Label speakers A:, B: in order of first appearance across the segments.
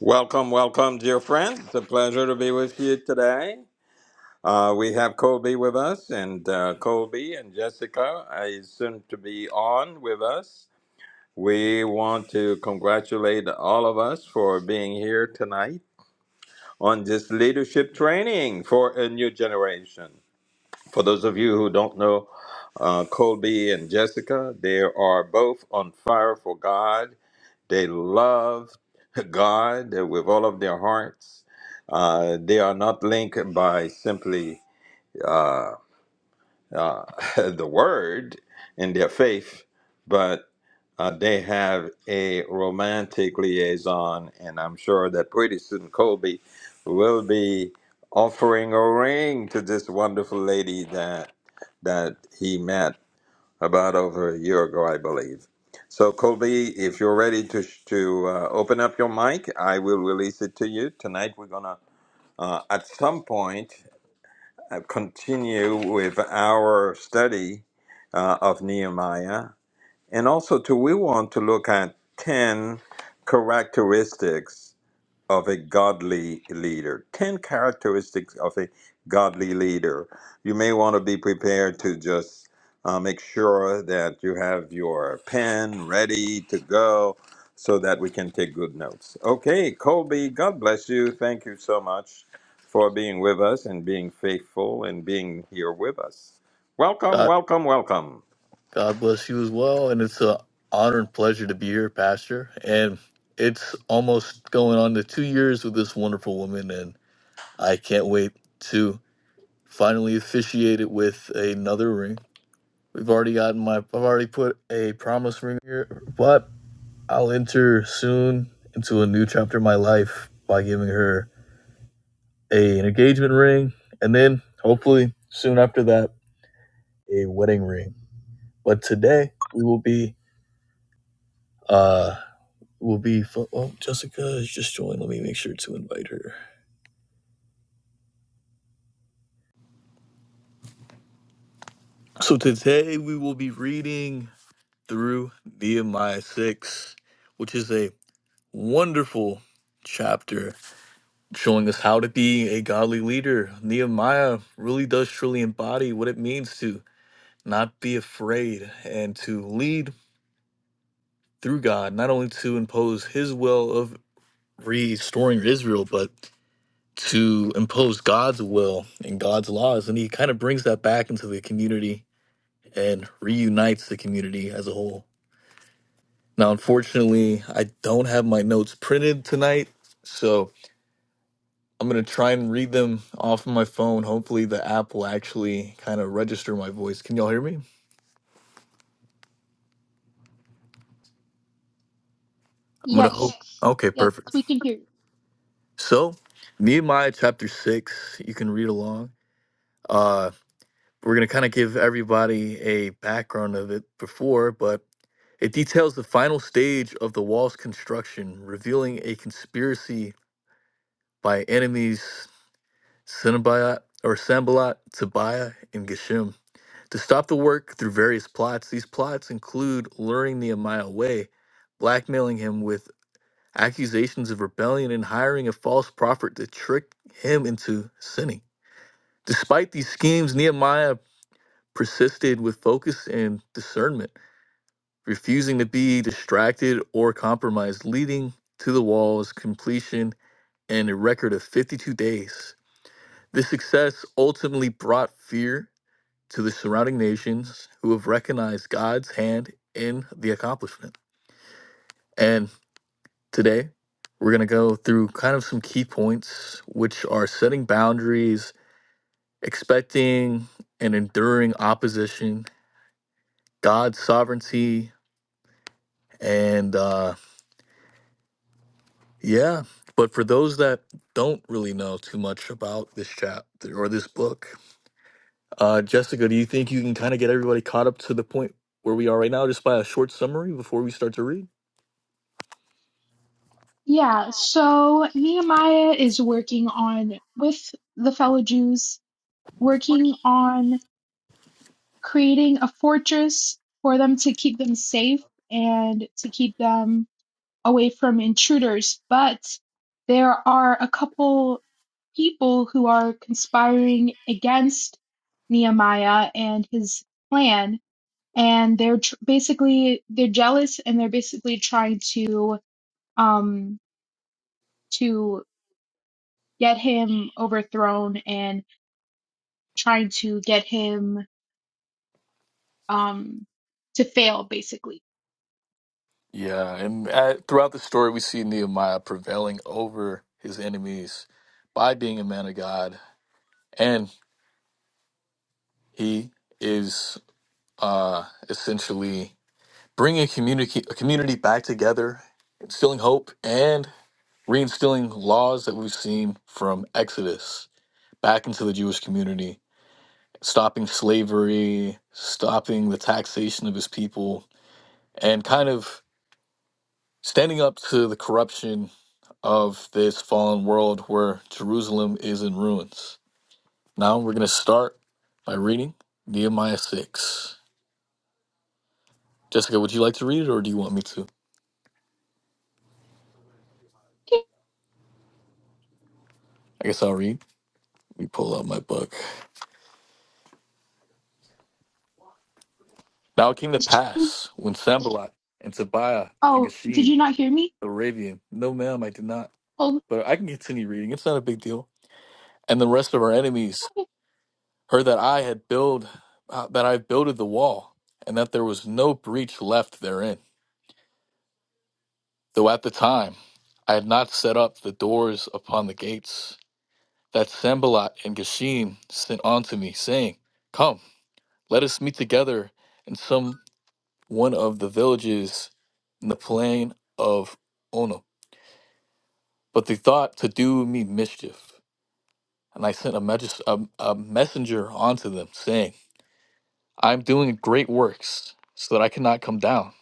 A: Welcome, welcome, dear friends. It's a pleasure to be with you today. Uh, we have Colby with us, and uh, Colby and Jessica is soon to be on with us. We want to congratulate all of us for being here tonight on this leadership training for a new generation. For those of you who don't know, uh, Colby and Jessica, they are both on fire for God they love God with all of their hearts. Uh, they are not linked by simply uh, uh, the word in their faith, but uh, they have a romantic liaison. And I'm sure that pretty soon Kobe will be offering a ring to this wonderful lady that that he met about over a year ago, I believe. So, Colby, if you're ready to to uh, open up your mic, I will release it to you tonight. We're gonna uh, at some point uh, continue with our study uh, of Nehemiah, and also too, we want to look at ten characteristics of a godly leader. 10 characteristics of a godly leader. You may want to be prepared to just uh, make sure that you have your pen ready to go so that we can take good notes. Okay, Colby, God bless you. Thank you so much for being with us and being faithful and being here with us. Welcome,
B: God,
A: welcome, welcome.
B: God bless you as well. And it's an honor and pleasure to be here, Pastor. And it's almost going on to two years with this wonderful woman. And I can't wait to finally officiate it with another ring. We've already gotten my, I've already put a promise ring here, but I'll enter soon into a new chapter of my life by giving her a, an engagement ring. And then hopefully soon after that, a wedding ring. But today we will be. uh, will be fo- oh jessica has just joined let me make sure to invite her so today we will be reading through nehemiah 6 which is a wonderful chapter showing us how to be a godly leader nehemiah really does truly embody what it means to not be afraid and to lead through god not only to impose his will of restoring israel but to impose God's will and God's laws. And he kind of brings that back into the community and reunites the community as a whole. Now, unfortunately, I don't have my notes printed tonight, so I'm going to try and read them off of my phone. Hopefully, the app will actually kind of register my voice. Can y'all hear me? I'm going to hope.
C: Yes,
B: Yes. Okay,
C: yes,
B: perfect.
C: we can hear you.
B: So, Nehemiah chapter 6, you can read along. Uh, we're going to kind of give everybody a background of it before, but It details the final stage of the wall's construction, revealing a conspiracy by enemies Cenobite or Sambalot, Tobiah, and Geshem to stop the work through various plots. These plots include luring Nehemiah away, blackmailing him with accusations of rebellion, and hiring a false prophet to trick him into sinning. Despite these schemes, Nehemiah persisted with focus and discernment refusing to be distracted or compromised, leading to the wall's completion in a record of 52 days. This success ultimately brought fear to the surrounding nations who have recognized God's hand in the accomplishment. And today, we're going to go through kind of some key points, which are setting boundaries, expecting and enduring opposition, God's sovereignty, and uh, Yeah. But for those that don't really know too much about this chapter or this book, uh, Jessica, do you think you can kind of get everybody caught up to the point where we are right now just by a short summary before we start to read?
C: Yeah, so Nehemiah is working on, with the fellow Jews, working on creating a fortress for them to keep them safe and to keep them away from intruders. But there are a couple people who are conspiring against Nehemiah and his plan, and they're tr- basically they're jealous and they're basically trying to um, to get him overthrown and trying to get him um, to fail, basically.
B: Yeah, and at, throughout the story, we see Nehemiah prevailing over his enemies by being a man of God, and he is uh, essentially bringing a community a community back together, instilling hope, and reinstilling laws that we've seen from Exodus back into the Jewish community, stopping slavery, stopping the taxation of his people, and kind of standing up to the corruption of this fallen world where Jerusalem is in ruins. Now we're going to start by reading Nehemiah 6. Jessica, would you like to read it or do you want me to? I guess I'll read. Let me pull out my book. Now it came to pass when Sambalat and Tobiah and
C: Oh, did
B: Geshem
C: you not hear me?
B: Arabian. No, ma'am, I did not.
C: Oh,
B: But I can continue reading. It's not a big deal. And the rest of our enemies
C: okay.
B: heard that I had build, uh, that I builded the wall, and that there was no breach left therein. Though at the time, I had not set up the doors upon the gates that Sambalat and Geshem sent unto me, saying, Come, let us meet together in some one of the villages in the plain of Ono. But they thought to do me mischief. And I sent a, magis- a, a messenger unto them, saying, I am doing great works, so that I cannot come down.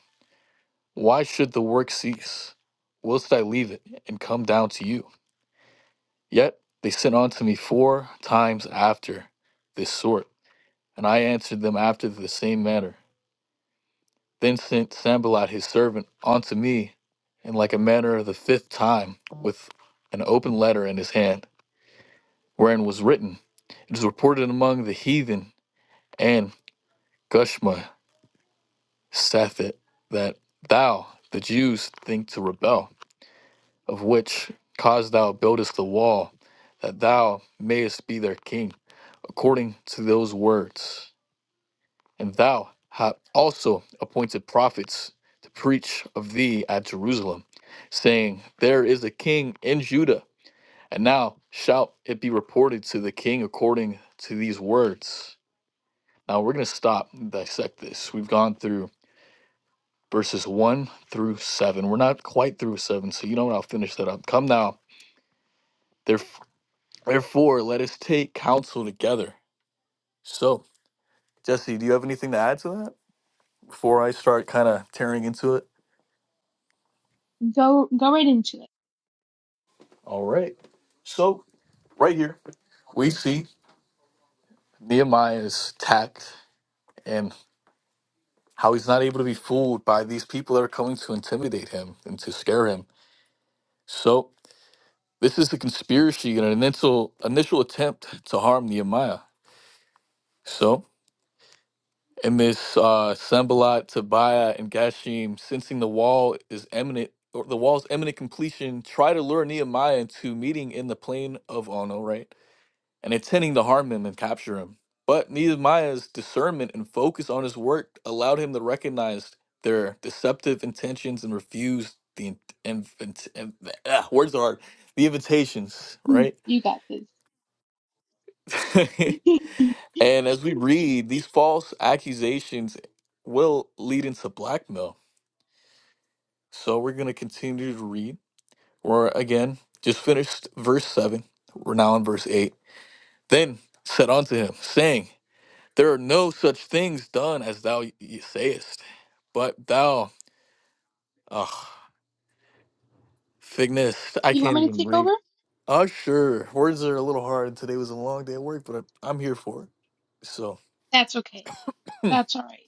B: Why should the work cease? Whilst I leave it and come down to you? Yet they sent unto me four times after this sort, and I answered them after the same manner. Then sent Sambalat his servant unto me in like a manner of the fifth time, with an open letter in his hand, wherein was written, It is reported among the heathen and Gushma saith it that thou, the Jews, think to rebel, of which cause thou buildest the wall, that thou mayest be their king, according to those words. And thou hast also appointed prophets to preach of thee at Jerusalem, saying, There is a king in Judah. And now shall it be reported to the king according to these words. Now we're going to stop and dissect this. We've gone through verses 1 through 7. We're not quite through 7, so you know what? I'll finish that up. Come now, theref- therefore, let us take counsel together. So, Jesse, do you have anything to add to that before I start kind of tearing into it?
C: Go, go right into it.
B: All right. So, right here, we see Nehemiah's tact and how he's not able to be fooled by these people that are coming to intimidate him and to scare him. So, this is a conspiracy and an initial, initial attempt to harm Nehemiah. So, And Miss uh, Sambalat, Tobiah, and Gashim, sensing the wall is imminent, or the wall's imminent completion, try to lure Nehemiah into meeting in the plain of Ono, right? And intending to harm him and capture him. But Nehemiah's discernment and focus on his work allowed him to recognize their deceptive intentions and refuse the in- and, and, and- ah, words are hard, the invitations,
C: Hmm,
B: right?
C: You got this. you
B: And as we read, these false accusations will lead into blackmail. So we're going to continue to read. We're again just finished verse 7. We're now in verse 8. Then said unto him, saying, There are no such things done as thou y- sayest, but thou, ugh, figness, I
C: want
B: can't
C: me to
B: even
C: take
B: read.
C: over?
B: Uh, sure, words are a little hard. Today was a long day at work, but I- I'm here for it. So.
C: That's okay. That's all right.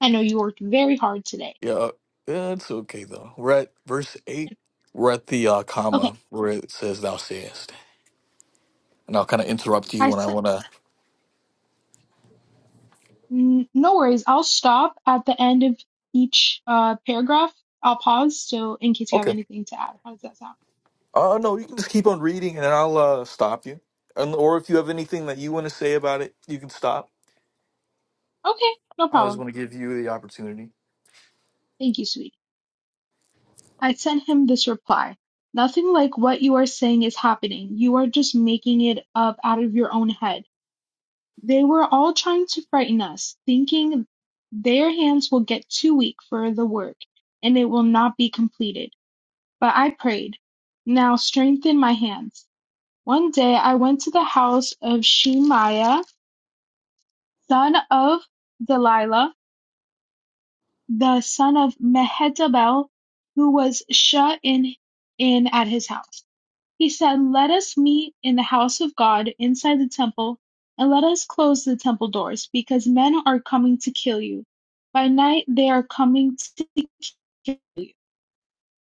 C: I know you worked very hard today.
B: Yeah, yeah, it's okay though. We're at verse eight. We're at the uh,
C: Okay,
B: comma where it says "Thou sayest," and I'll kind of interrupt you
C: I
B: when I
C: said,
B: want to.
C: n- no worries. I'll stop at the end of each uh, paragraph. I'll pause so in case you have
B: Okay.
C: anything to add. How does that sound?
B: Uh, no, you can just keep on reading, and then I'll uh, stop you. And or if you have anything that you want to say about it, you can stop.
C: Okay, no
B: I
C: problem.
B: always want to give you the opportunity.
C: Thank you, sweetie. I sent him this reply. Nothing like what you are saying is happening. You are just making it up out of your own head. They were all trying to frighten us, thinking their hands will get too weak for the work and it will not be completed. But I prayed, Now strengthen my hands. One day I went to the house of Shemaiah, son of Delilah, the son of Mehetabel, who was shut in, in at his house. He said, Let us meet in the house of God inside the temple, and let us close the temple doors, because men are coming to kill you. By night they are coming to kill you.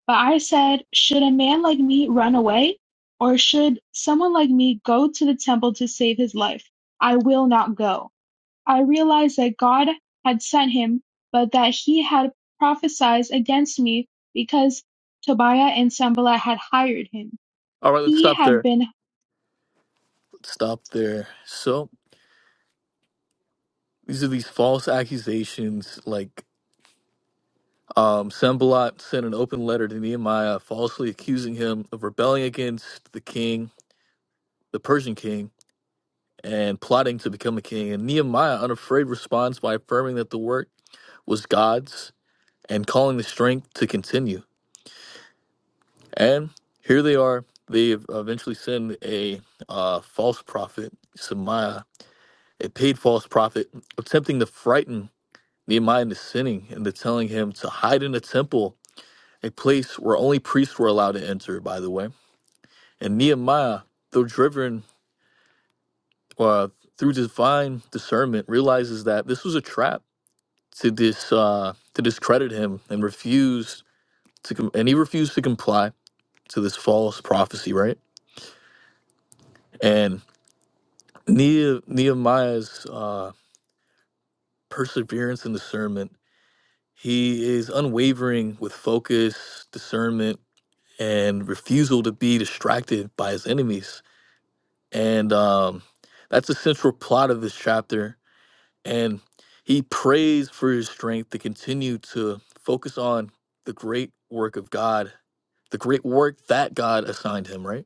C: But I said, Should a man like me run away? Or should someone like me go to the temple to save his life? I will not go. I realized that God had sent him, but that he had prophesied against me because Tobiah and Sanballat had hired him
B: All right, let's
C: he
B: stop
C: had
B: there.
C: been
B: Let's stop there. So these are these false accusations, like um, Sembalot sent an open letter to Nehemiah, falsely accusing him of rebelling against the king, the Persian king and plotting to become a king. And Nehemiah, unafraid, responds by affirming that the work was God's and calling the strength to continue. And here they are. They eventually send a uh, false prophet, Shemaiah, a paid false prophet, attempting to frighten Nehemiah into sinning and to telling him to hide in a temple, a place where only priests were allowed to enter, by the way. And Nehemiah, though driven uh, through divine discernment, realizes that this was a trap to this uh, to discredit him and refused to com- and he refused to comply to this false prophecy, right? And ne- Nehemiah's uh, perseverance and discernment, he is unwavering with focus, discernment, and refusal to be distracted by his enemies. And um, that's the central plot of this chapter And he prays for his strength to continue to focus on the great work of God, the great work that God assigned him, right?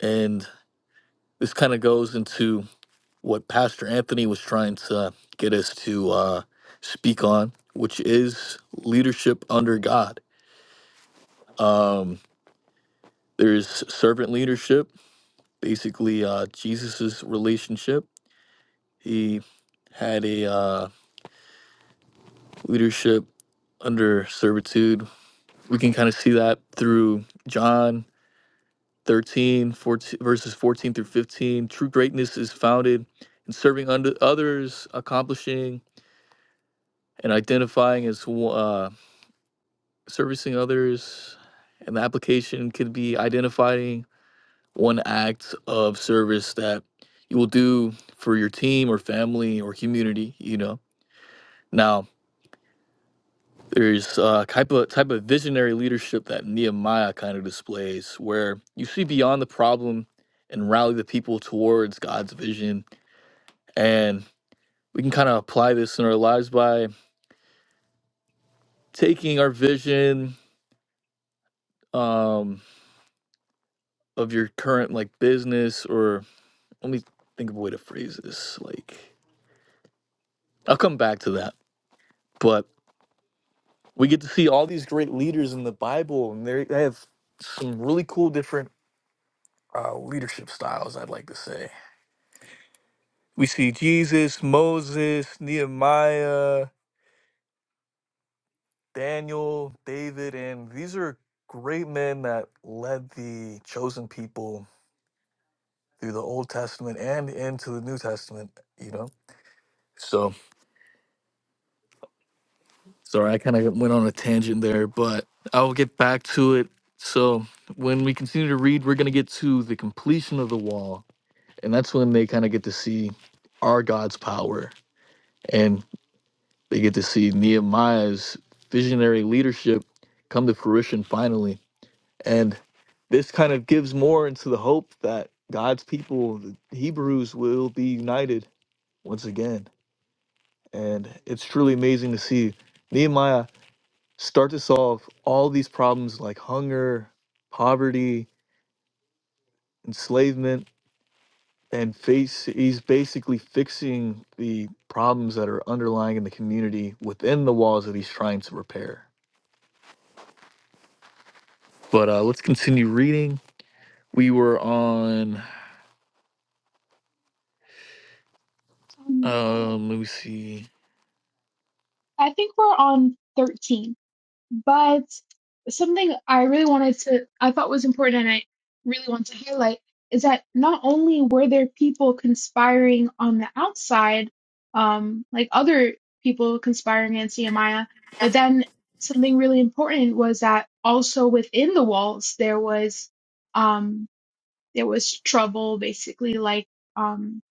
B: And this kind of goes into what Pastor Anthony was trying to get us to uh, speak on, which is leadership under God. Um, there's servant leadership, basically uh, Jesus's relationship. He had a uh, leadership under servitude we can kind of see that through John 13, fourteen, verses 14 through 15. True greatness is founded in serving under others, accomplishing and identifying as uh, servicing others. And the application could be identifying one act of service that you will do for your team or family or community, you know. Now, there's a type of type of visionary leadership that Nehemiah kind of displays, where you see beyond the problem and rally the people towards God's vision. And we can kind of apply this in our lives by taking our vision um, of your current like business, or let me think of a way to phrase this. Like, I'll come back to that, but we get to see all these great leaders in the Bible, and they they have some really cool different uh, leadership styles. I'd like to say We see Jesus, Moses, Nehemiah, Daniel, David, and these are great men that led the chosen people through the Old Testament and into the New Testament, you know? So, sorry, I kind of went on a tangent there, but I'll get back to it. So, when we continue to read, we're going to get to the completion of the wall. And that's when they kind of get to see our God's power. and. They get to see Nehemiah's visionary leadership come to fruition finally. And this kind of gives more into the hope that God's people, the Hebrews, will be united once again. And it's truly amazing to see Nehemiah start to solve all these problems like hunger, poverty, enslavement, and face he's basically fixing the problems that are underlying in the community within the walls that he's trying to repair But uh, let's continue reading. We were on.
C: Um,
B: Um, let me see.
C: I think we're on 13, but something I really wanted to, I thought was important and I really want to highlight is that not only were there people conspiring on the outside, um, like other people conspiring against Nehemiah, but then something really important was that also within the walls there was, um, there was trouble basically, like, um,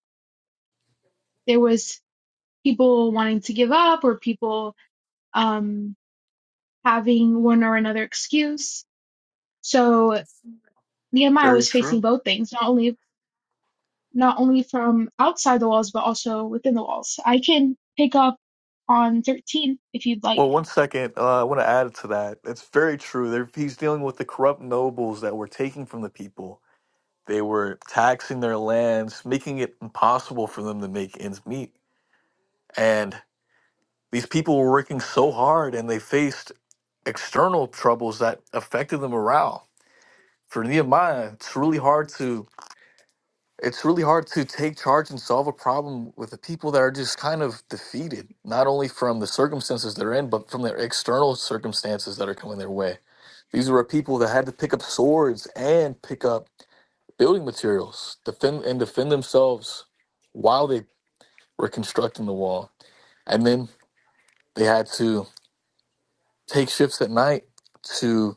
C: there was people wanting to give up or people, um, having one or another excuse. So Nehemiah
B: Very
C: was
B: true.
C: facing both things, not only not only from outside the walls, but also within the walls. I can pick up on 13 if you'd like.
B: Well, one second. Uh, I want to add to that. It's very true. There, he's dealing with the corrupt nobles that were taking from the people. They were taxing their lands, making it impossible for them to make ends meet. And these people were working so hard, and they faced external troubles that affected the morale. For Nehemiah, it's really hard to it's really hard to take charge and solve a problem with the people that are just kind of defeated, not only from the circumstances they're in, but from their external circumstances that are coming their way. These were people that had to pick up swords and pick up building materials, defend and defend themselves while they were constructing the wall, and then they had to take shifts at night to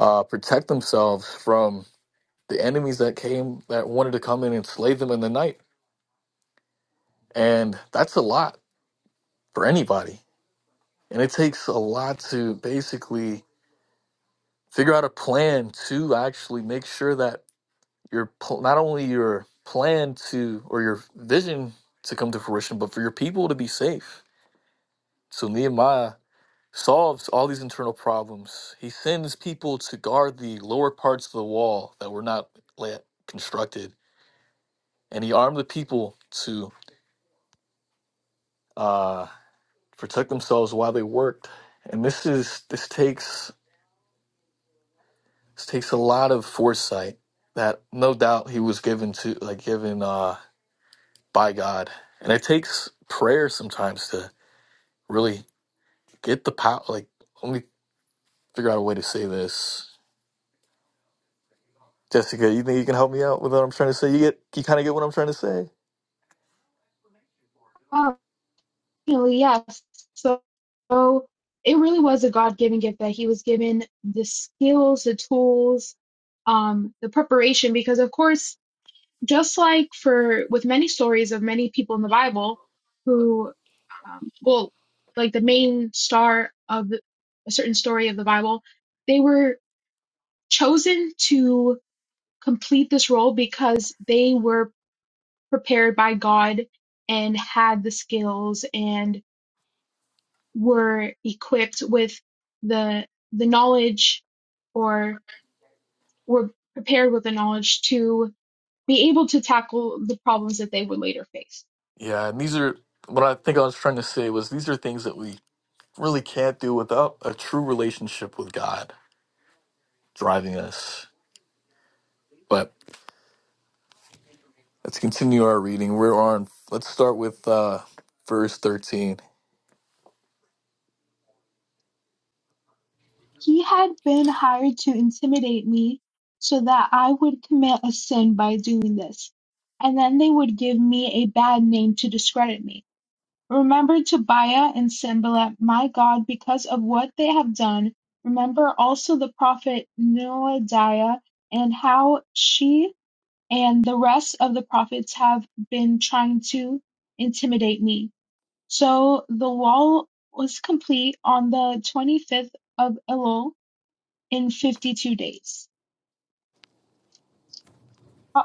B: uh, protect themselves from the enemies that came that wanted to come in and slay them in the night. And that's a lot for anybody. And it takes a lot to basically figure out a plan to actually make sure that your pl- not only your plan to or your vision to come to fruition, but for your people to be safe. So Nehemiah solves all these internal problems. He sends people to guard the lower parts of the wall that were not la- constructed, and he armed the people to uh, protect themselves while they worked. And this is this takes This takes a lot of foresight that no doubt he was given to like given uh by God. And it takes prayer sometimes to really get the power like let me figure out a way to say this. Jessica, you think you can help me out with what I'm trying to say? You get you kinda get what I'm trying to say?
C: Oh, yes. So, so it really was a God given gift that he was given the skills, the tools, um, the preparation, because of course just like for with many stories of many people in the Bible who, um, well, like the main star of the, a certain story of the Bible, they were chosen to complete this role because they were prepared by God and had the skills and were equipped with the the knowledge or were prepared with the knowledge to be able to tackle the problems that they would later face.
B: Yeah, and these are what I think I was trying to say was these are things that we really can't do without a true relationship with God driving us. But let's continue our reading. We're on let's start with uh verse 13
C: He had been hired to intimidate me so that I would commit a sin by doing this, and then they would give me a bad name to discredit me. Remember Tobiah and Sanballat, my God, because of what they have done. Remember also the prophet Noadiah and how she and the rest of the prophets have been trying to intimidate me. So the wall was complete on the 25th of Elul in 52 days. O-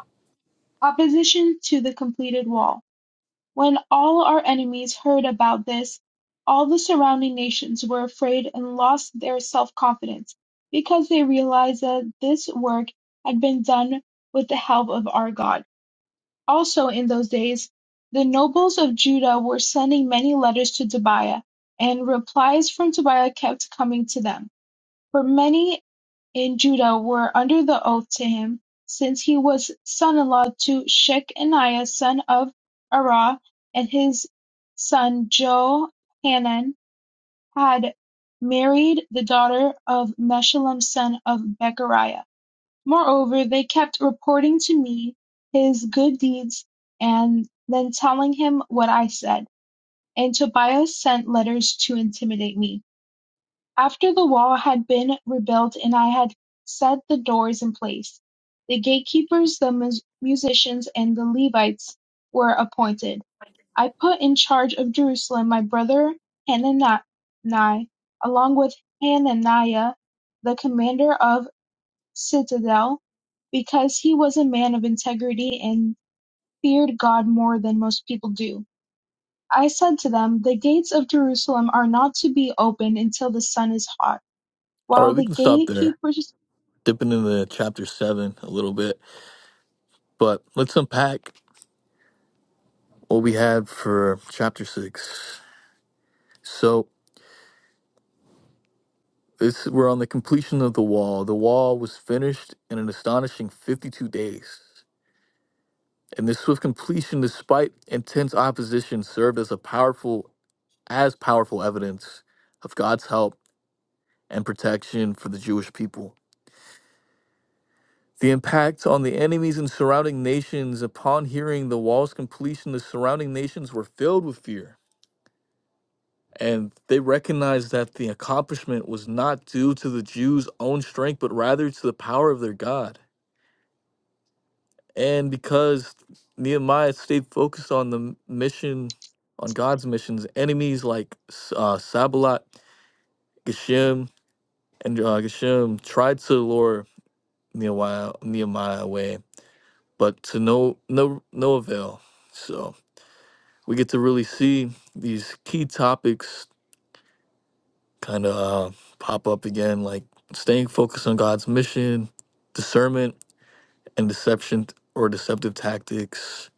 C: opposition to the completed wall. When all our enemies heard about this, all the surrounding nations were afraid and lost their self confidence because they realized that this work had been done with the help of our God. Also, in those days, the nobles of Judah were sending many letters to Tobiah, and replies from Tobiah kept coming to them. For many and Judah were under the oath to him, since he was son-in-law to Shechaniah son of Arah, and his son Johanan had married the daughter of Meshullam son of Bechariah. Moreover, they kept reporting to me his good deeds, and then telling him what I said. And Tobias sent letters to intimidate me. After the wall had been rebuilt and I had set the doors in place, the gatekeepers, the mus- musicians and the Levites were appointed. I put in charge of Jerusalem my brother Hanani, along with Hananiah, the commander of citadel, because he was a man of integrity and feared God more than most people do. I said to them, The gates of Jerusalem are not to be opened until the sun is hot
B: All
C: while
B: right, we
C: the
B: can stop there,
C: gatekeepers
B: dipping into chapter seven a little bit, but let's unpack what we had for chapter six. So it's we're on the completion of the wall. The wall was finished in an astonishing 52 days. And this swift completion, despite intense opposition, served as a powerful as powerful evidence of God's help and protection for the Jewish people. The impact on the enemies and surrounding nations upon hearing the wall's completion, the surrounding nations were filled with fear. And they recognized that the accomplishment was not due to the Jews' own strength, but rather to the power of their God. And because Nehemiah stayed focused on the mission, on God's missions, enemies like uh, Sabalat, Geshem, and uh, Geshem tried to lure Nehemiah, Nehemiah away, but to no no no avail. So. we get to really see these key topics kind of uh, pop up again, like staying focused on God's mission, discernment and deception or deceptive tactics,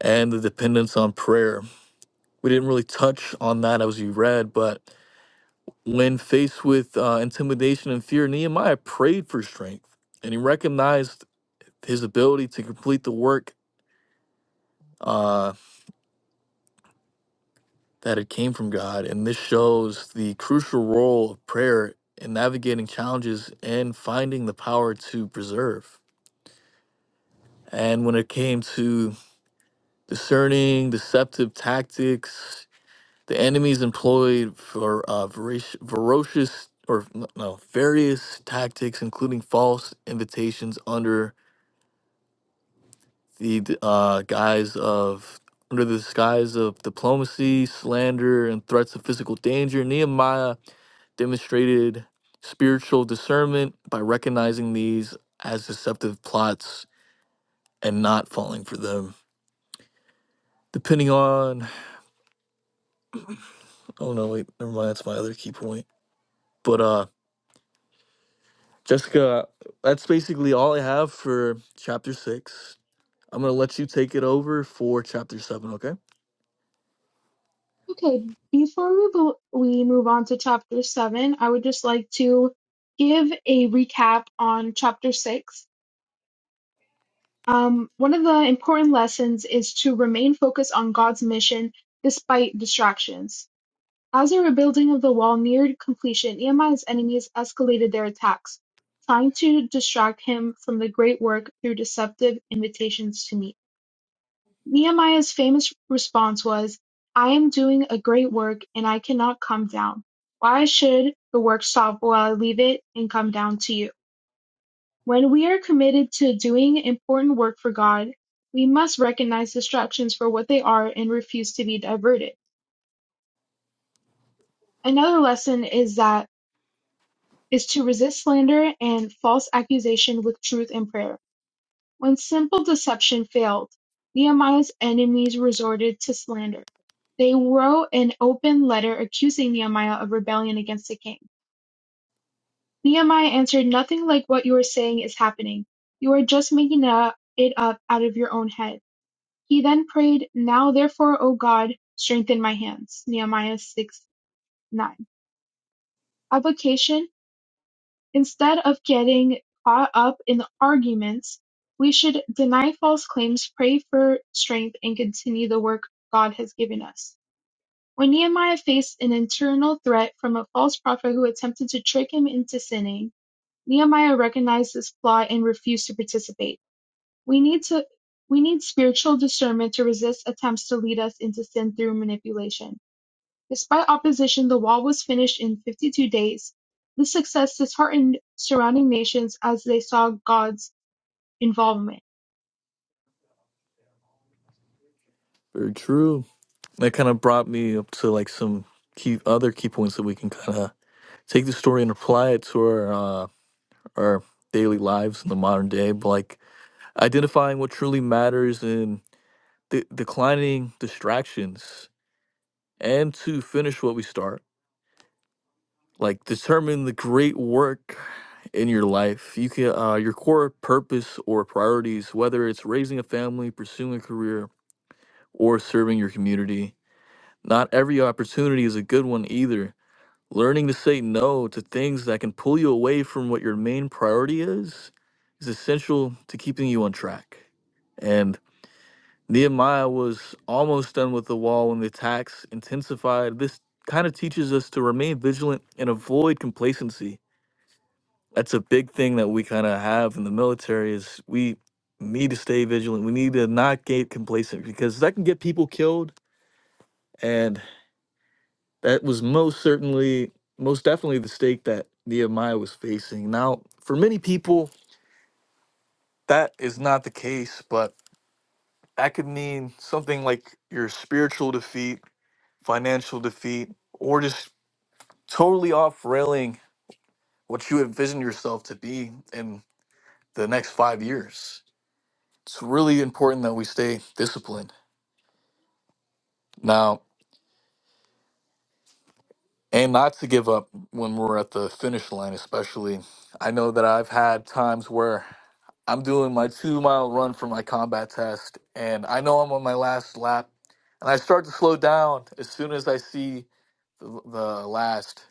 B: and the dependence on prayer. We didn't really touch on that as we read, but when faced with uh, intimidation and fear, Nehemiah prayed for strength and he recognized his ability to complete the work. uh, that it came from God. And this shows the crucial role of prayer in navigating challenges and finding the power to preserve. And when it came to discerning deceptive tactics, the enemies employed for uh, verac- ferocious or n- no, various tactics, including false invitations under the d- uh, guise of under the disguise of diplomacy, slander, and threats of physical danger. Nehemiah demonstrated spiritual discernment by recognizing these as deceptive plots and not falling for them. Depending on, oh no, wait, never mind, that's my other key point. But uh, Jessica, that's basically all I have for chapter six. I'm gonna let you take it over for chapter seven, okay?
C: okay before we bo- we move on to chapter 7 i would just like to give a recap on chapter 6 um, one of the important lessons is to remain focused on god's mission despite distractions as the rebuilding of the wall neared completion nehemiah's enemies escalated their attacks trying to distract him from the great work through deceptive invitations to meet Nehemiah's famous response was, I am doing a great work and I cannot come down. Why should the work stop while I leave it and come down to you? When we are committed to doing important work for God, we must recognize distractions for what they are and refuse to be diverted. Another lesson is that is to resist slander and false accusation with truth and prayer. When simple deception failed, Nehemiah's enemies resorted to slander. They wrote an open letter accusing Nehemiah of rebellion against the king. Nehemiah answered, Nothing like what you are saying is happening. You are just making it up out of your own head. He then prayed, Now therefore, O God, strengthen my hands. Nehemiah 6 9. Application Instead of getting caught up in arguments, we should deny false claims, pray for strength, and continue the work God has given us. When Nehemiah faced an internal threat from a false prophet who attempted to trick him into sinning, Nehemiah recognized this flaw and refused to participate. We need to we need spiritual discernment to resist attempts to lead us into sin through manipulation. Despite opposition the wall was finished in fifty-two days. This success disheartened surrounding nations as they saw God's involvement.
B: Very true. That kind of brought me up to like some key other key points that we can kind of take the story and apply it to our uh, our daily lives in the modern day. But like identifying what truly matters and de- declining distractions and to finish what we start like determine the great work in your life you can uh, your core purpose or priorities whether it's raising a family pursuing a career or serving your community not every opportunity is a good one either learning to say no to things that can pull you away from what your main priority is is essential to keeping you on track and Nehemiah was almost done with the wall when the attacks intensified. This kind of teaches us to remain vigilant and avoid complacency. That's a big thing that we kind of have in the military is we need to stay vigilant. We need to not get complacent because that can get people killed and that was most certainly most definitely the stake that Nehemiah was facing. Now, for many people that is not the case, but that could mean something like your spiritual defeat financial defeat, or just totally off railing what you envision yourself to be in the next five years. It's really important that we stay disciplined now and not to give up when we're at the finish line, especially. I know that I've had times where I'm doing my two mile run for my combat test, and I know I'm on my last lap, and I start to slow down as soon as I see the, the last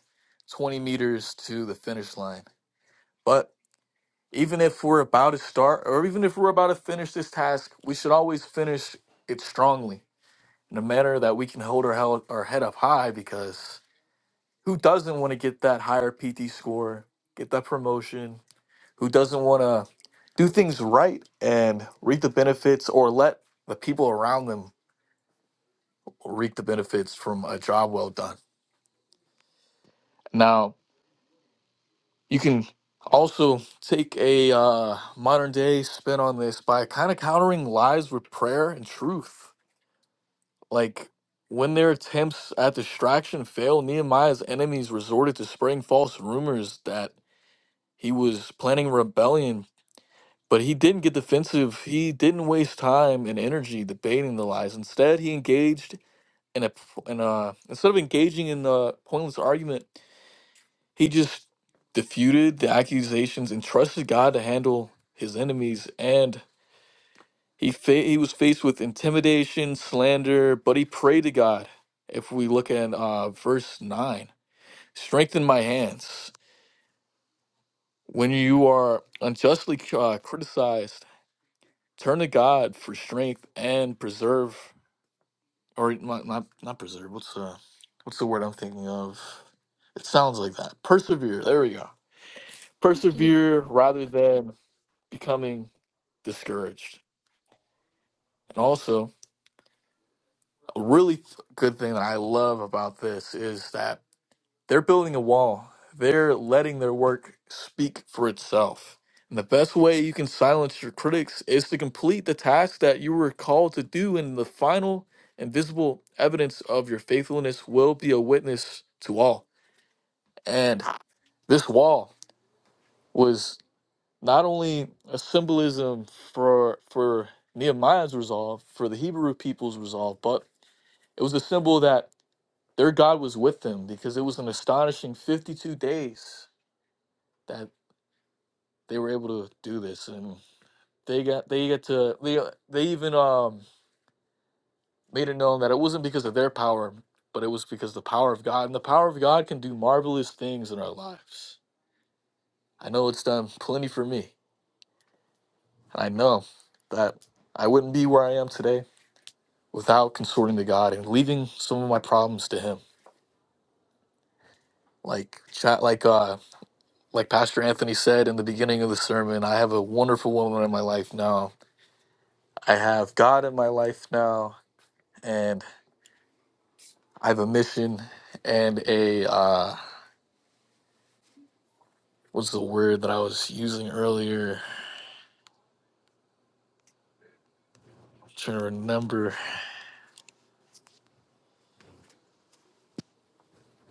B: 20 meters to the finish line. But Even if we're about to start or even if we're about to finish this task, we should always finish it strongly in a manner that we can hold our, held, our head up high because who doesn't want to get that higher PT score, get that promotion? Who doesn't want to do things right and reap the benefits or let the people around them reap the benefits from a job well done? Now, you can also take a uh, modern day spin on this by kind of countering lies with prayer and truth. Like when their attempts at distraction failed, Nehemiah's enemies resorted to spreading false rumors that he was planning rebellion. But he didn't get defensive. He didn't waste time and energy debating the lies. Instead, he engaged in a in a instead of engaging in a pointless argument, he just diffused the accusations and trusted God to handle his enemies. And He fa- he was faced with intimidation, slander, but he prayed to God. If we look at uh, verse nine, strengthen my hands. When you are unjustly uh, criticized, turn to God for strength and preserve, or not not, not preserve. What's uh, what's the word I'm thinking of? It sounds like that. Persevere. There we go. Persevere rather than becoming discouraged. And also, a really th- good thing that I love about this is that They're building a wall. They're letting their work speak for itself. And the best way you can silence your critics is to complete the task that you were called to do, and the final and visible evidence of your faithfulness will be a witness to all. And this wall was not only a symbolism for for Nehemiah's resolve, for the Hebrew people's resolve, but it was a symbol that their God was with them because it was an astonishing 52 days that. they were able to do this and they got they get to they uh, they even um made it known that it wasn't because of their power but it was because of the power of god and the power of god can do marvelous things in our lives i know it's done plenty for me and i know that i wouldn't be where i am today without consorting to god and leaving some of my problems to him like chat like uh like pastor anthony said in the beginning of the sermon i have a wonderful woman in my life now i have god in my life now and I have a mission and a uh what's the word that I was using earlier? I'm trying to remember.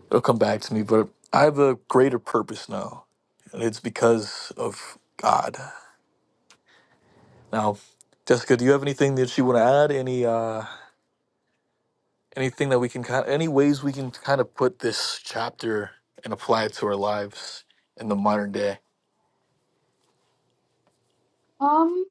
B: It'll come back to me, but I have a greater purpose now. And it's because of God. Now, Jessica, do you have anything that you want to add? Any uh anything that we can kind any ways we can kind of put this chapter and apply it to our lives in the modern day?
C: Um,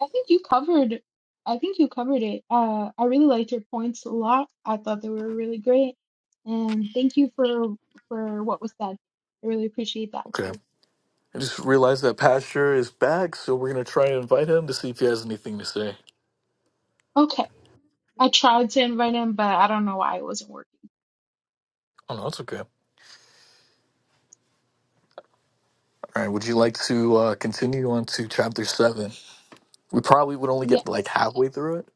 C: I think you covered I think you covered it. Uh, I really liked your points a lot. I thought they were really great. And thank you for for what was said. I really appreciate that.
B: Okay. I just realized that Pastor is back, so we're gonna try and invite him to see if he has anything to say.
C: Okay. I tried to invite him, but I don't know why it wasn't working.
B: Oh no, that's okay. All right, would you like to uh, continue on to chapter seven? We probably would only
C: Yes.
B: get like halfway through it.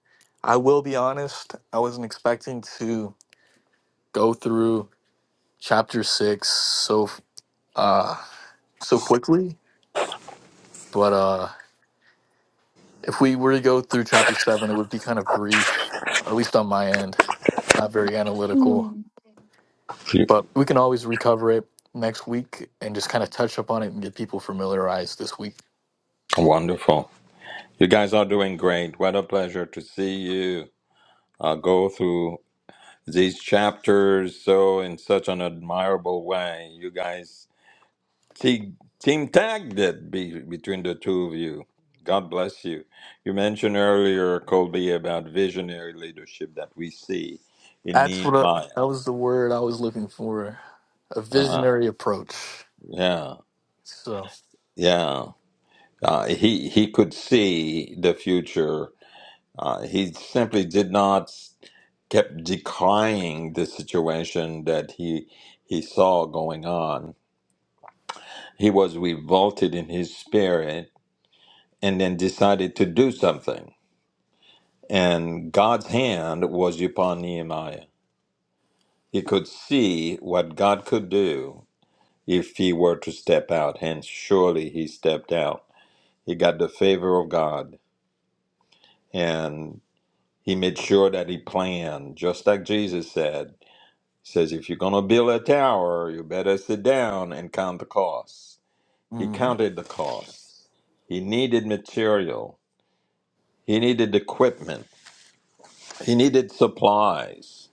B: I will be honest, I wasn't expecting to go through chapter six so uh so quickly, but uh if we were to go through chapter seven, it would be kind of brief, or at least on my end, not very analytical.
C: Hmm.
A: You-
B: But we can always recover it next week and just kind of touch up on it and get people familiarized this week.
A: Wonderful. You guys are doing great. What a pleasure to see you. i go through these chapters so in such an admirable way. You guys te- team tagged it be- between the two of you. God bless you. You mentioned earlier, Colby, about visionary leadership that we see in
B: That's what I,
A: Nehemiah.
B: that was the word I was looking for. A
A: Uh-huh.
B: visionary approach.
A: Yeah,
B: So,
A: yeah. Uh, he he could see the future. Uh, he simply did not kept decrying the situation that he he saw going on he was revolted in his spirit and then decided to do something. And God's hand was upon Nehemiah. He could see what God could do if he were to step out. Hence, surely he stepped out. He got the favor of God and he made sure that he planned, just like Jesus said. He says, if you're going to build a tower, you better sit down and count the cost. He
B: mhm.
A: counted the cost. He needed material He needed equipment. He needed supplies.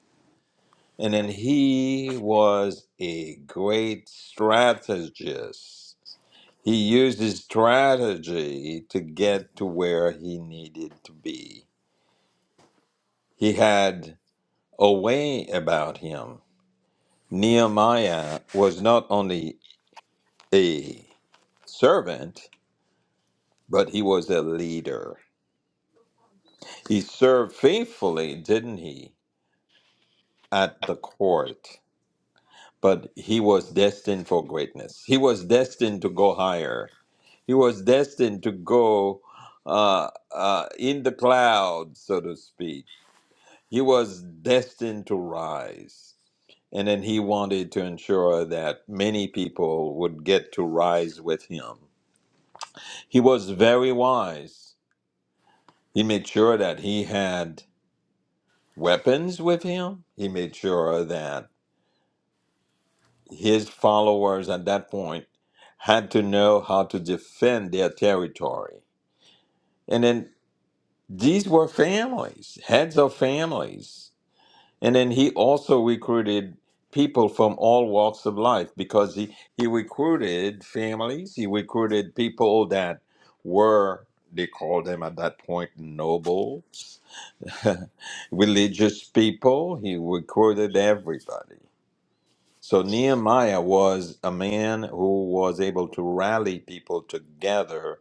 A: And then he was a great strategist. He used his strategy to get to where he needed to be. He had a way about him. Nehemiah was not only a servant, but he was a leader. He served faithfully, didn't he, at the court? but he was destined for greatness. He was destined to go higher. He was destined to go uh, uh, in the clouds, so to speak. He was destined to rise. And then he wanted to ensure that many people would get to rise with him. He was very wise. He made sure that he had weapons with him. He made sure that his followers at that point had to know how to defend their territory. And then these were families, heads of families. And then he also recruited people from all walks of life because he, he recruited families, he recruited people that were, they called them at that point nobles, religious people. He recruited everybody. So Nehemiah was a man who was able to rally people together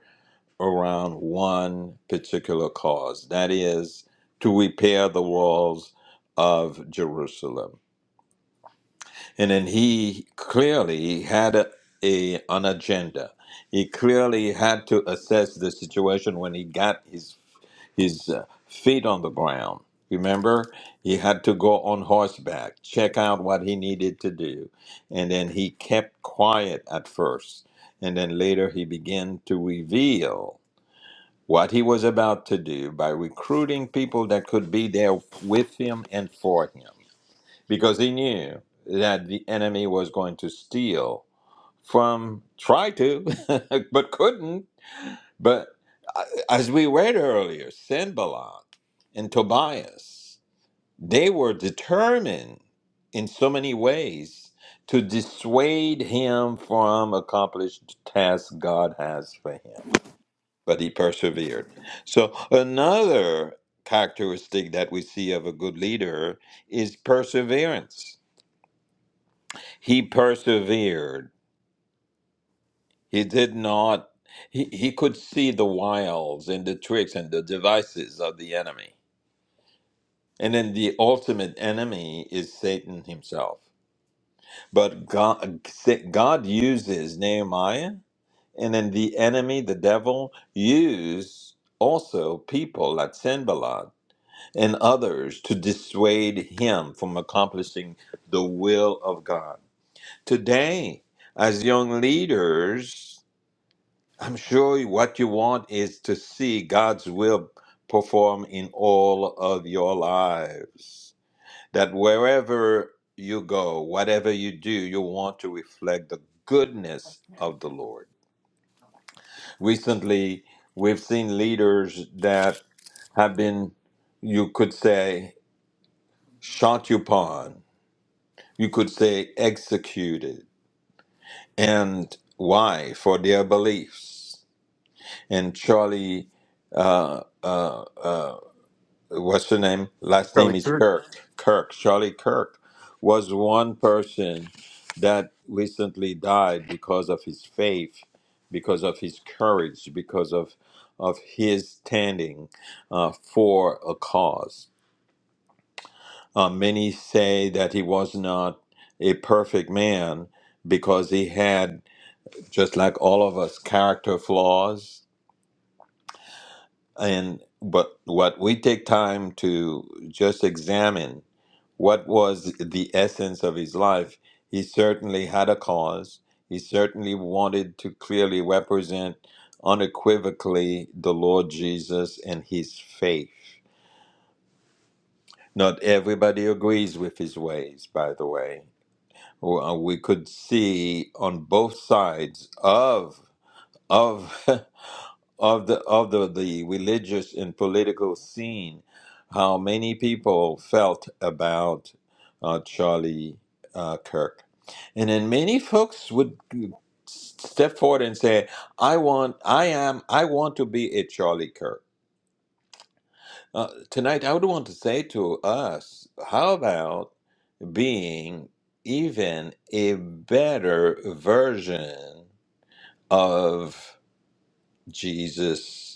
A: around one particular cause that is, to repair the walls of Jerusalem. And then he clearly had a, a- an agenda. He clearly had to assess the situation when he got his his uh, feet on the ground. Remember, he had to go on horseback, check out what he needed to do. And then he kept quiet at first. And then later he began to reveal what he was about to do by recruiting people that could be there with him and for him. Because he knew that the enemy was going to steal from, try to, but couldn't but uh, as we read earlier, Sanballat and Tobias, they were determined in so many ways to dissuade him from accomplished task God has for him. But he persevered. So another characteristic that we see of a good leader is perseverance. He persevered He did not, he, he could see the wiles and the tricks and the devices of the enemy. And then the ultimate enemy is Satan himself. But God, God uses Nehemiah, and then the enemy, the devil, used also people like Sanballat and others to dissuade him from accomplishing the will of God. Today, as young leaders, I'm sure what you want is to see God's will perform in all of your lives. That wherever you go, whatever you do, you want to reflect the goodness of the Lord. Recently, we've seen leaders that have been, you could say, shot upon, you could say, executed. And why? For their beliefs. And Charlie uh, uh, uh, what's her name? Last name
B: Charlie
A: is
B: Kirk.
A: Kirk. Kirk, Charlie Kirk, was one person that recently died because of his faith, because of his courage, because of of his standing uh, for a cause. Uh, many say that he was not a perfect man because he had, just like all of us, character flaws. And but what we take time to just examine what was the essence of his life. He certainly had a cause. He certainly wanted to clearly represent unequivocally the Lord Jesus and his faith. Not everybody agrees with his ways, by the way. Well, We could see on both sides of of of the of the, the religious and political scene, how many people felt about uh, Charlie uh, Kirk, and then many folks would step forward and say, "I want, I am, I want to be a Charlie Kirk." Uh, tonight, I would want to say to us, how about being even a better version of Jesus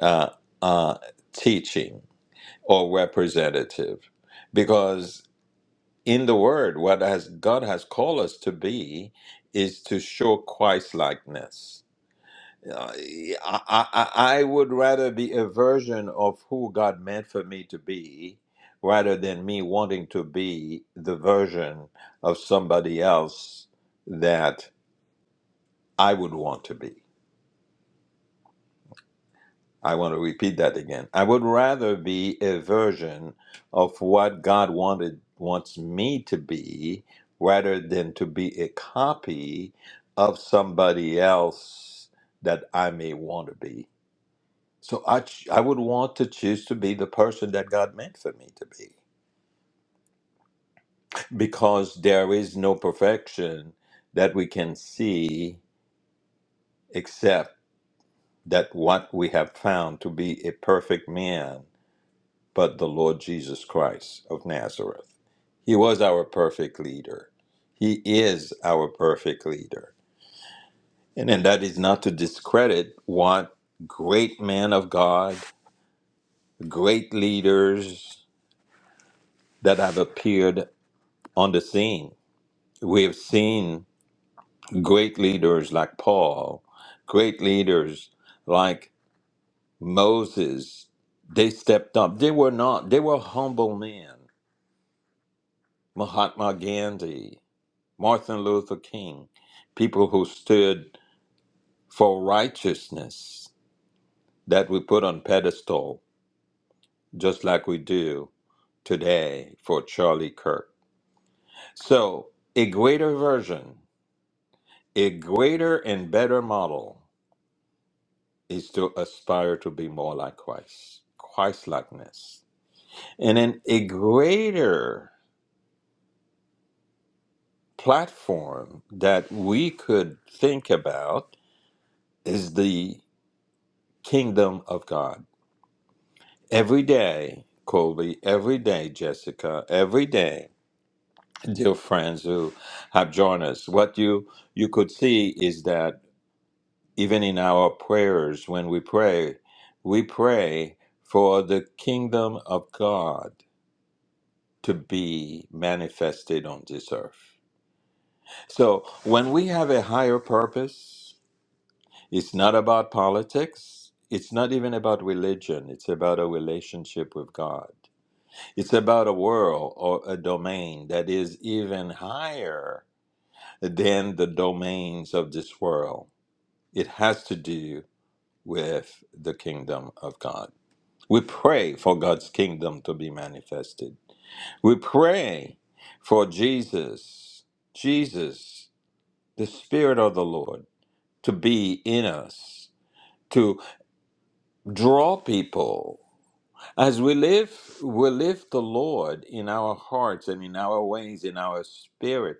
A: uh, uh, teaching or representative because in the word what has god has called us to be is to show christ likeness I, I, I I would rather be a version of who god meant for me to be rather than me wanting to be the version of somebody else that i would want to be I want to repeat that again. I would rather be a version of what God wanted wants me to be rather than to be a copy of somebody else that I may want to be. So I ch- I would want to choose to be the person that God meant for me to be because there is no perfection that we can see except that what we have found to be a perfect man but the Lord Jesus Christ of Nazareth. He was our perfect leader. He is our perfect leader. And, and that is not to discredit what great men of God, great leaders that have appeared on the scene. We have seen great leaders like Paul, great leaders like Moses. They stepped up. They were not, they were humble men. Mahatma Gandhi. Martin Luther King, people who stood for righteousness that we put on pedestal, just like we do today for Charlie Kirk. So, a greater version, a greater and better model is to aspire to be more like Christ, Christ likeness. And then a greater platform that we could think about is the kingdom of God Every day, Colby, every day, Jessica, every day, dear friends who have joined us, what you you could see is that even in our prayers, when we pray, we pray for the kingdom of God to be manifested on this earth. So when we have a higher purpose, it's not about politics, it's not even about religion, it's about a relationship with God. It's about a world or a domain that is even higher than the domains of this world. It has to do with the kingdom of God. We pray for God's kingdom to be manifested. We pray for Jesus, Jesus, the Spirit of the Lord, to be in us, to draw people. As we live, we live the Lord in our hearts and in our ways, in our spirit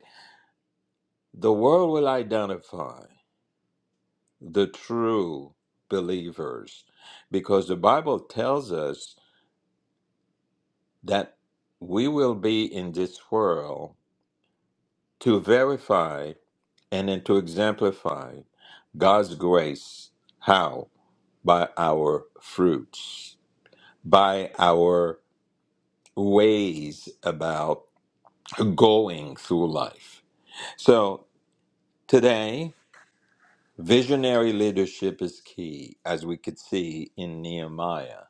A: The world will identify the true believers because the Bible tells us that we will be in this world to verify and then to exemplify God's grace. How? By our fruits, by our ways about going through life. So today, visionary leadership is key, as we could see in Nehemiah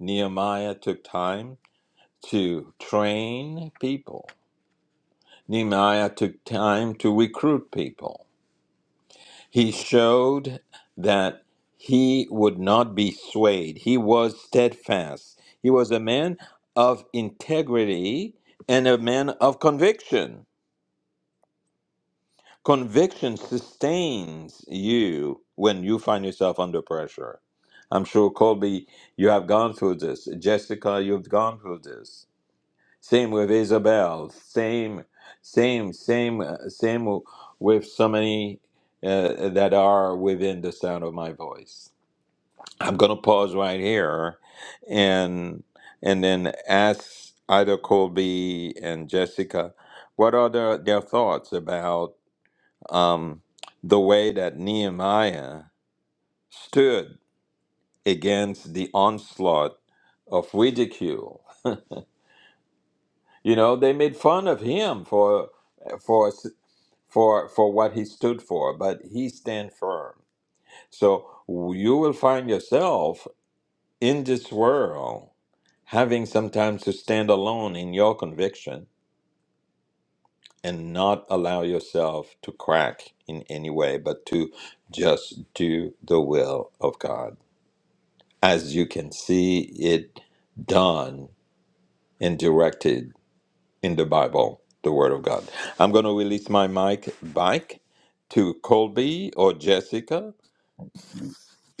A: Nehemiah took time to train people. Nehemiah took time to recruit people. He showed that he would not be swayed. He was steadfast. He was a man of integrity and a man of conviction. Conviction sustains you when you find yourself under pressure. I'm sure, Colby, you have gone through this. Jessica, you've gone through this Same with Isabel. Same, same, same, uh, same with so many uh, that are within the sound of my voice. I'm gonna pause right here, and and then ask either Colby and Jessica, what are their, their thoughts about um, the way that Nehemiah stood against the onslaught of ridicule? You know, they made fun of him for for for for what he stood for, but he stand firm. So you will find yourself in this world having sometimes to stand alone in your conviction and not allow yourself to crack in any way, but to just do the will of God as you can see it done and directed in the Bible, the Word of God. I'm going to release my mic back to Colby or Jessica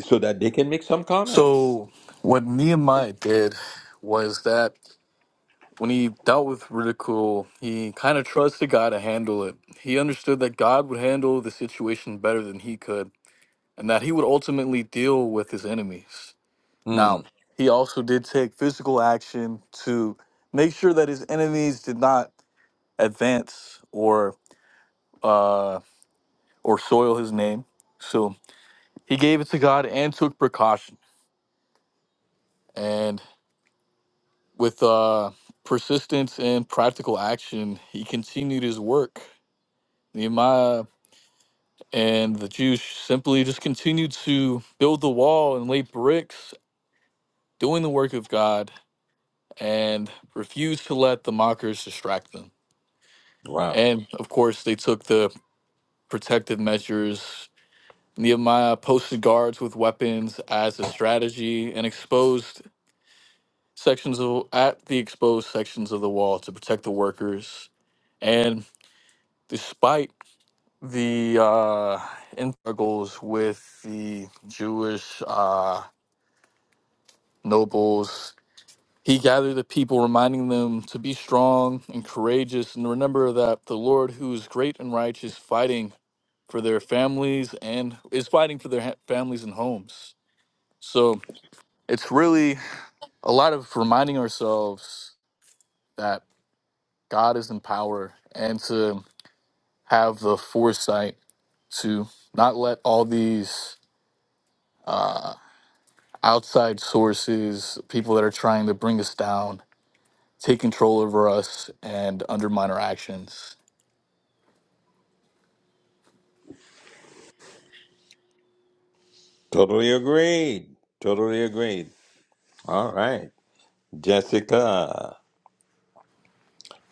A: so that they can make some comments.
B: So, what Nehemiah did was that when he dealt with ridicule, he kind of trusted God to handle it. He understood that God would handle the situation better than he could, and that he would ultimately deal with his enemies.
A: Hmm.
B: Now, he also did take physical action to make sure that his enemies did not advance or. uh, or soil his name. So he gave it to God and took precaution. And with uh, persistence and practical action, he continued his work. Nehemiah and the Jews simply just continued to build the wall and lay bricks, doing the work of God, and refused to let the mockers distract them.
A: Wow.
B: And of course, they took the protective measures. Nehemiah posted guards with weapons as a strategy and exposed sections of at the exposed sections of the wall to protect the workers and despite the uh struggles with the jewish uh nobles he gathered the people reminding them to be strong and courageous and remember that the lord who is great and righteous fighting for their families and is fighting for their ha- families and homes so it's really a lot of reminding ourselves that. God is in power and to have the foresight to not let all these uh, outside sources, people that are trying to bring us down, take control over us and undermine our actions.
A: Totally agreed. Totally agreed. All right. Jessica.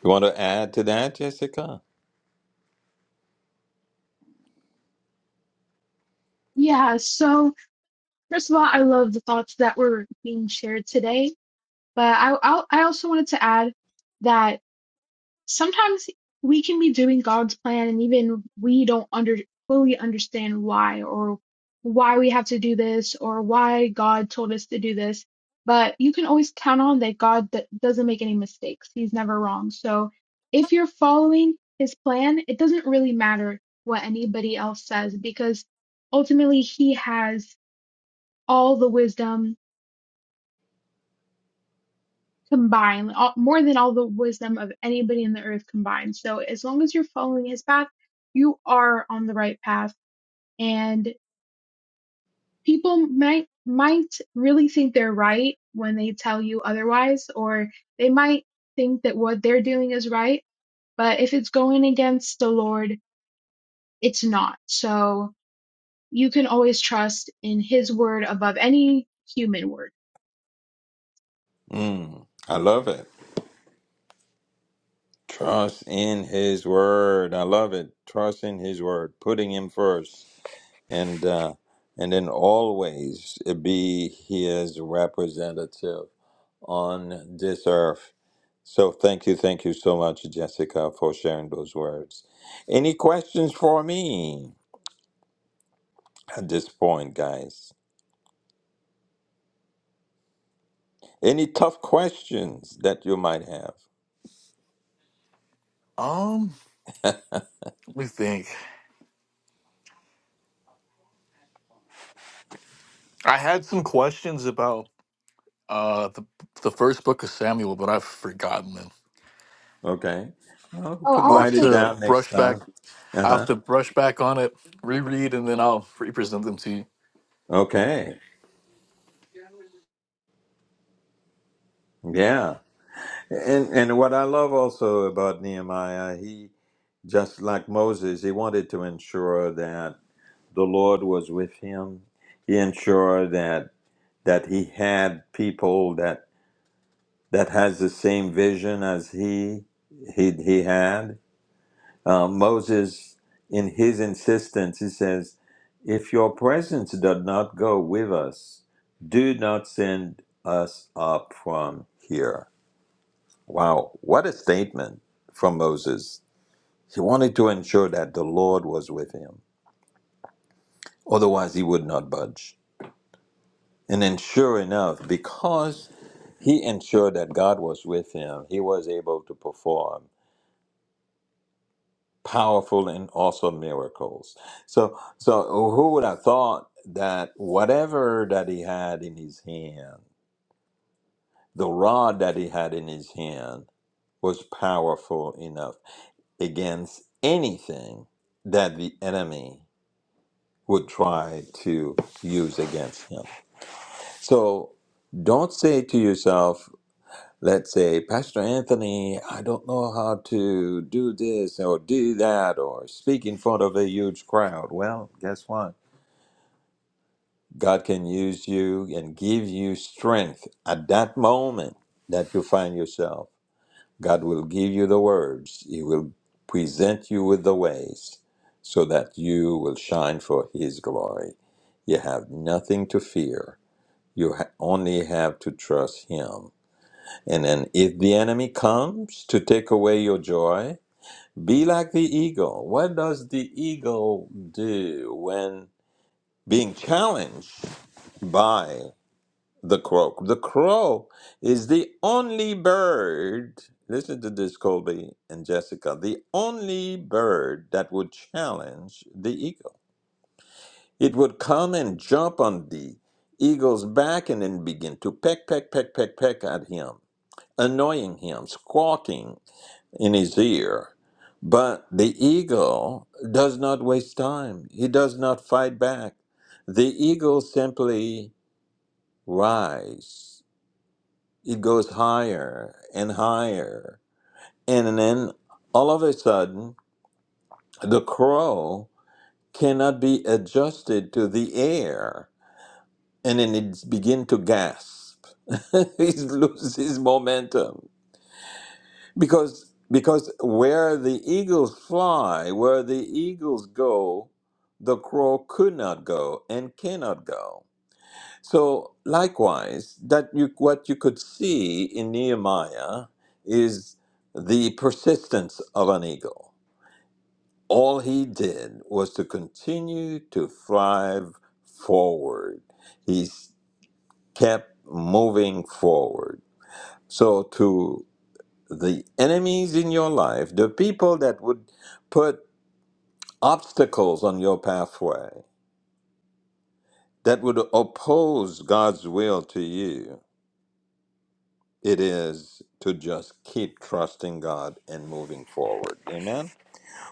A: You want to add to that, Jessica?
C: Yeah, so first of all, I love the thoughts that were being shared today. But I, I I also wanted to add that sometimes we can be doing God's plan and even we don't under fully understand why or why we have to do this or why God told us to do this. But you can always count on that God th- doesn't make any mistakes. He's never wrong. So if you're following his plan, it doesn't really matter what anybody else says because ultimately he has all the wisdom combined, all, more than all the wisdom of anybody in the earth combined. So as long as you're following his path, you are on the right path. And people might might really think they're right when they tell you otherwise, or they might think that what they're doing is right, but if it's going against the Lord, it's not. So you can always trust in his word above any human word.
A: Hmm. I love it. Trust in his word. I love it. Trust in his word. Putting him first. And uh and then always be his representative on this earth So thank you, thank you so much, Jessica, for sharing those words. Any questions for me at this point, guys? Any tough questions that you might have?
B: Um, let me think. I had some questions about uh the the first book of Samuel, but I've forgotten them.
A: Okay. Well, we
C: Oh,
A: could
B: I'll
C: I
B: have
A: write it
C: actually
B: to
A: down next
B: brush back.
A: time.
B: I'll have
A: Uh-huh.
B: to brush back on it, reread, and then I'll re-present them to you.
A: Okay. Yeah. And and what I love also about Nehemiah, he just like Moses, he wanted to ensure that the Lord was with him. He ensured that that he had people that that has the same vision as he he, he had. Uh, Moses, in his insistence, he says, "If your presence does not go with us, do not send us up from here." Wow, what a statement from Moses! He wanted to ensure that the Lord was with him, otherwise he would not budge. And then, sure enough, because he ensured that God was with him, he was able to perform powerful and also miracles. So, so who would have thought that whatever that he had in his hand, the rod that he had in his hand, was powerful enough against anything that the enemy would try to use against him. So, don't say to yourself. Let's say, Pastor Anthony, I don't know how to do this or do that or speak in front of a huge crowd. Well, guess what? God can use you and give you strength at that moment that you find yourself. God will give you the words, He will present you with the ways so that you will shine for His glory. You have nothing to fear, you ha- only have to trust Him and then, if the enemy comes to take away your joy, be like the eagle. What does the eagle do when being challenged by the crow? The crow is the only bird, listen to this, Colby and Jessica, the only bird that would challenge the eagle. It would come and jump on the eagle's back and then begin to peck, peck, peck, peck, peck at him annoying him, squawking in his ear. But the eagle does not waste time. He does not fight back. The eagle simply rises. It goes higher and higher. And then all of a sudden, the crow cannot be adjusted to the air. And then it begins to gasp. he loses momentum Because because where the eagles fly, where the eagles go, the crow could not go and cannot go. So likewise, that you what you could see in Nehemiah is the persistence of an eagle. All he did was to continue to thrive forward. He kept moving forward. So to the enemies in your life, the people that would put obstacles on your pathway, that would oppose God's will to you, it is to just keep trusting God and moving forward. Amen.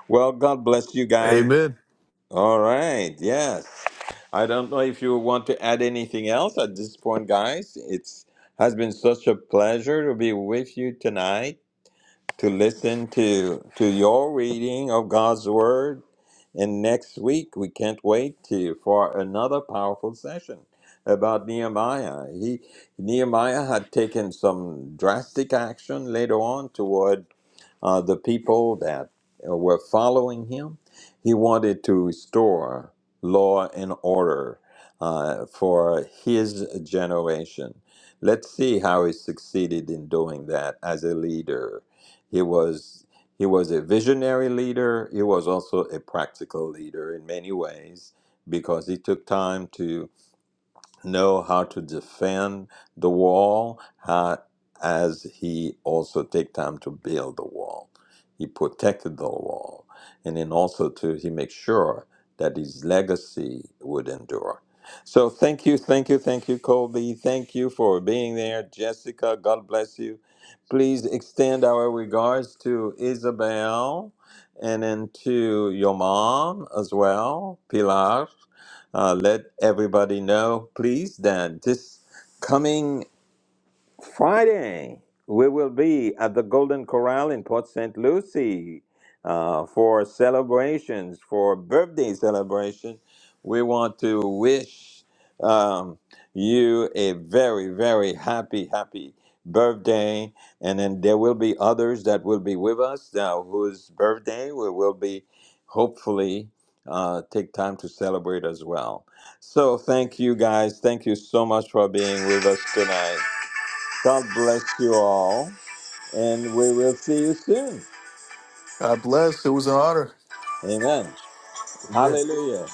A: Well, God bless you guys.
B: Amen.
A: All right. Yes. I don't know if you want to add anything else at this point, guys. It's has been such a pleasure to be with you tonight, to listen to to your reading of God's word And next week, we can't wait to for another powerful session about Nehemiah. He Nehemiah had taken some drastic action later on toward uh, the people that uh, were following him. He wanted to restore law and order uh, for his generation. Let's see how he succeeded in doing that as a leader. He was he was a visionary leader. He was also a practical leader in many ways because he took time to know how to defend the wall how, as he also take time to build the wall he protected the wall and then also to he make sure that his legacy would endure so thank you thank you thank you colby thank you for being there jessica god bless you please extend our regards to isabel and then to your mom as well pilar uh, let everybody know, please, that this coming. Friday, we will be at the Golden Corral in Port St. Lucie uh, for celebrations, for birthday celebration. We want to wish um, you a very, very happy, happy birthday. And then there will be others that will be with us now whose birthday we will be hopefully uh, take time to celebrate as well. So thank you guys. Thank you so much for being with us tonight. God bless you all, and we will see you soon.
B: God bless. It was an honor.
A: Amen.
B: Amen.
A: Hallelujah.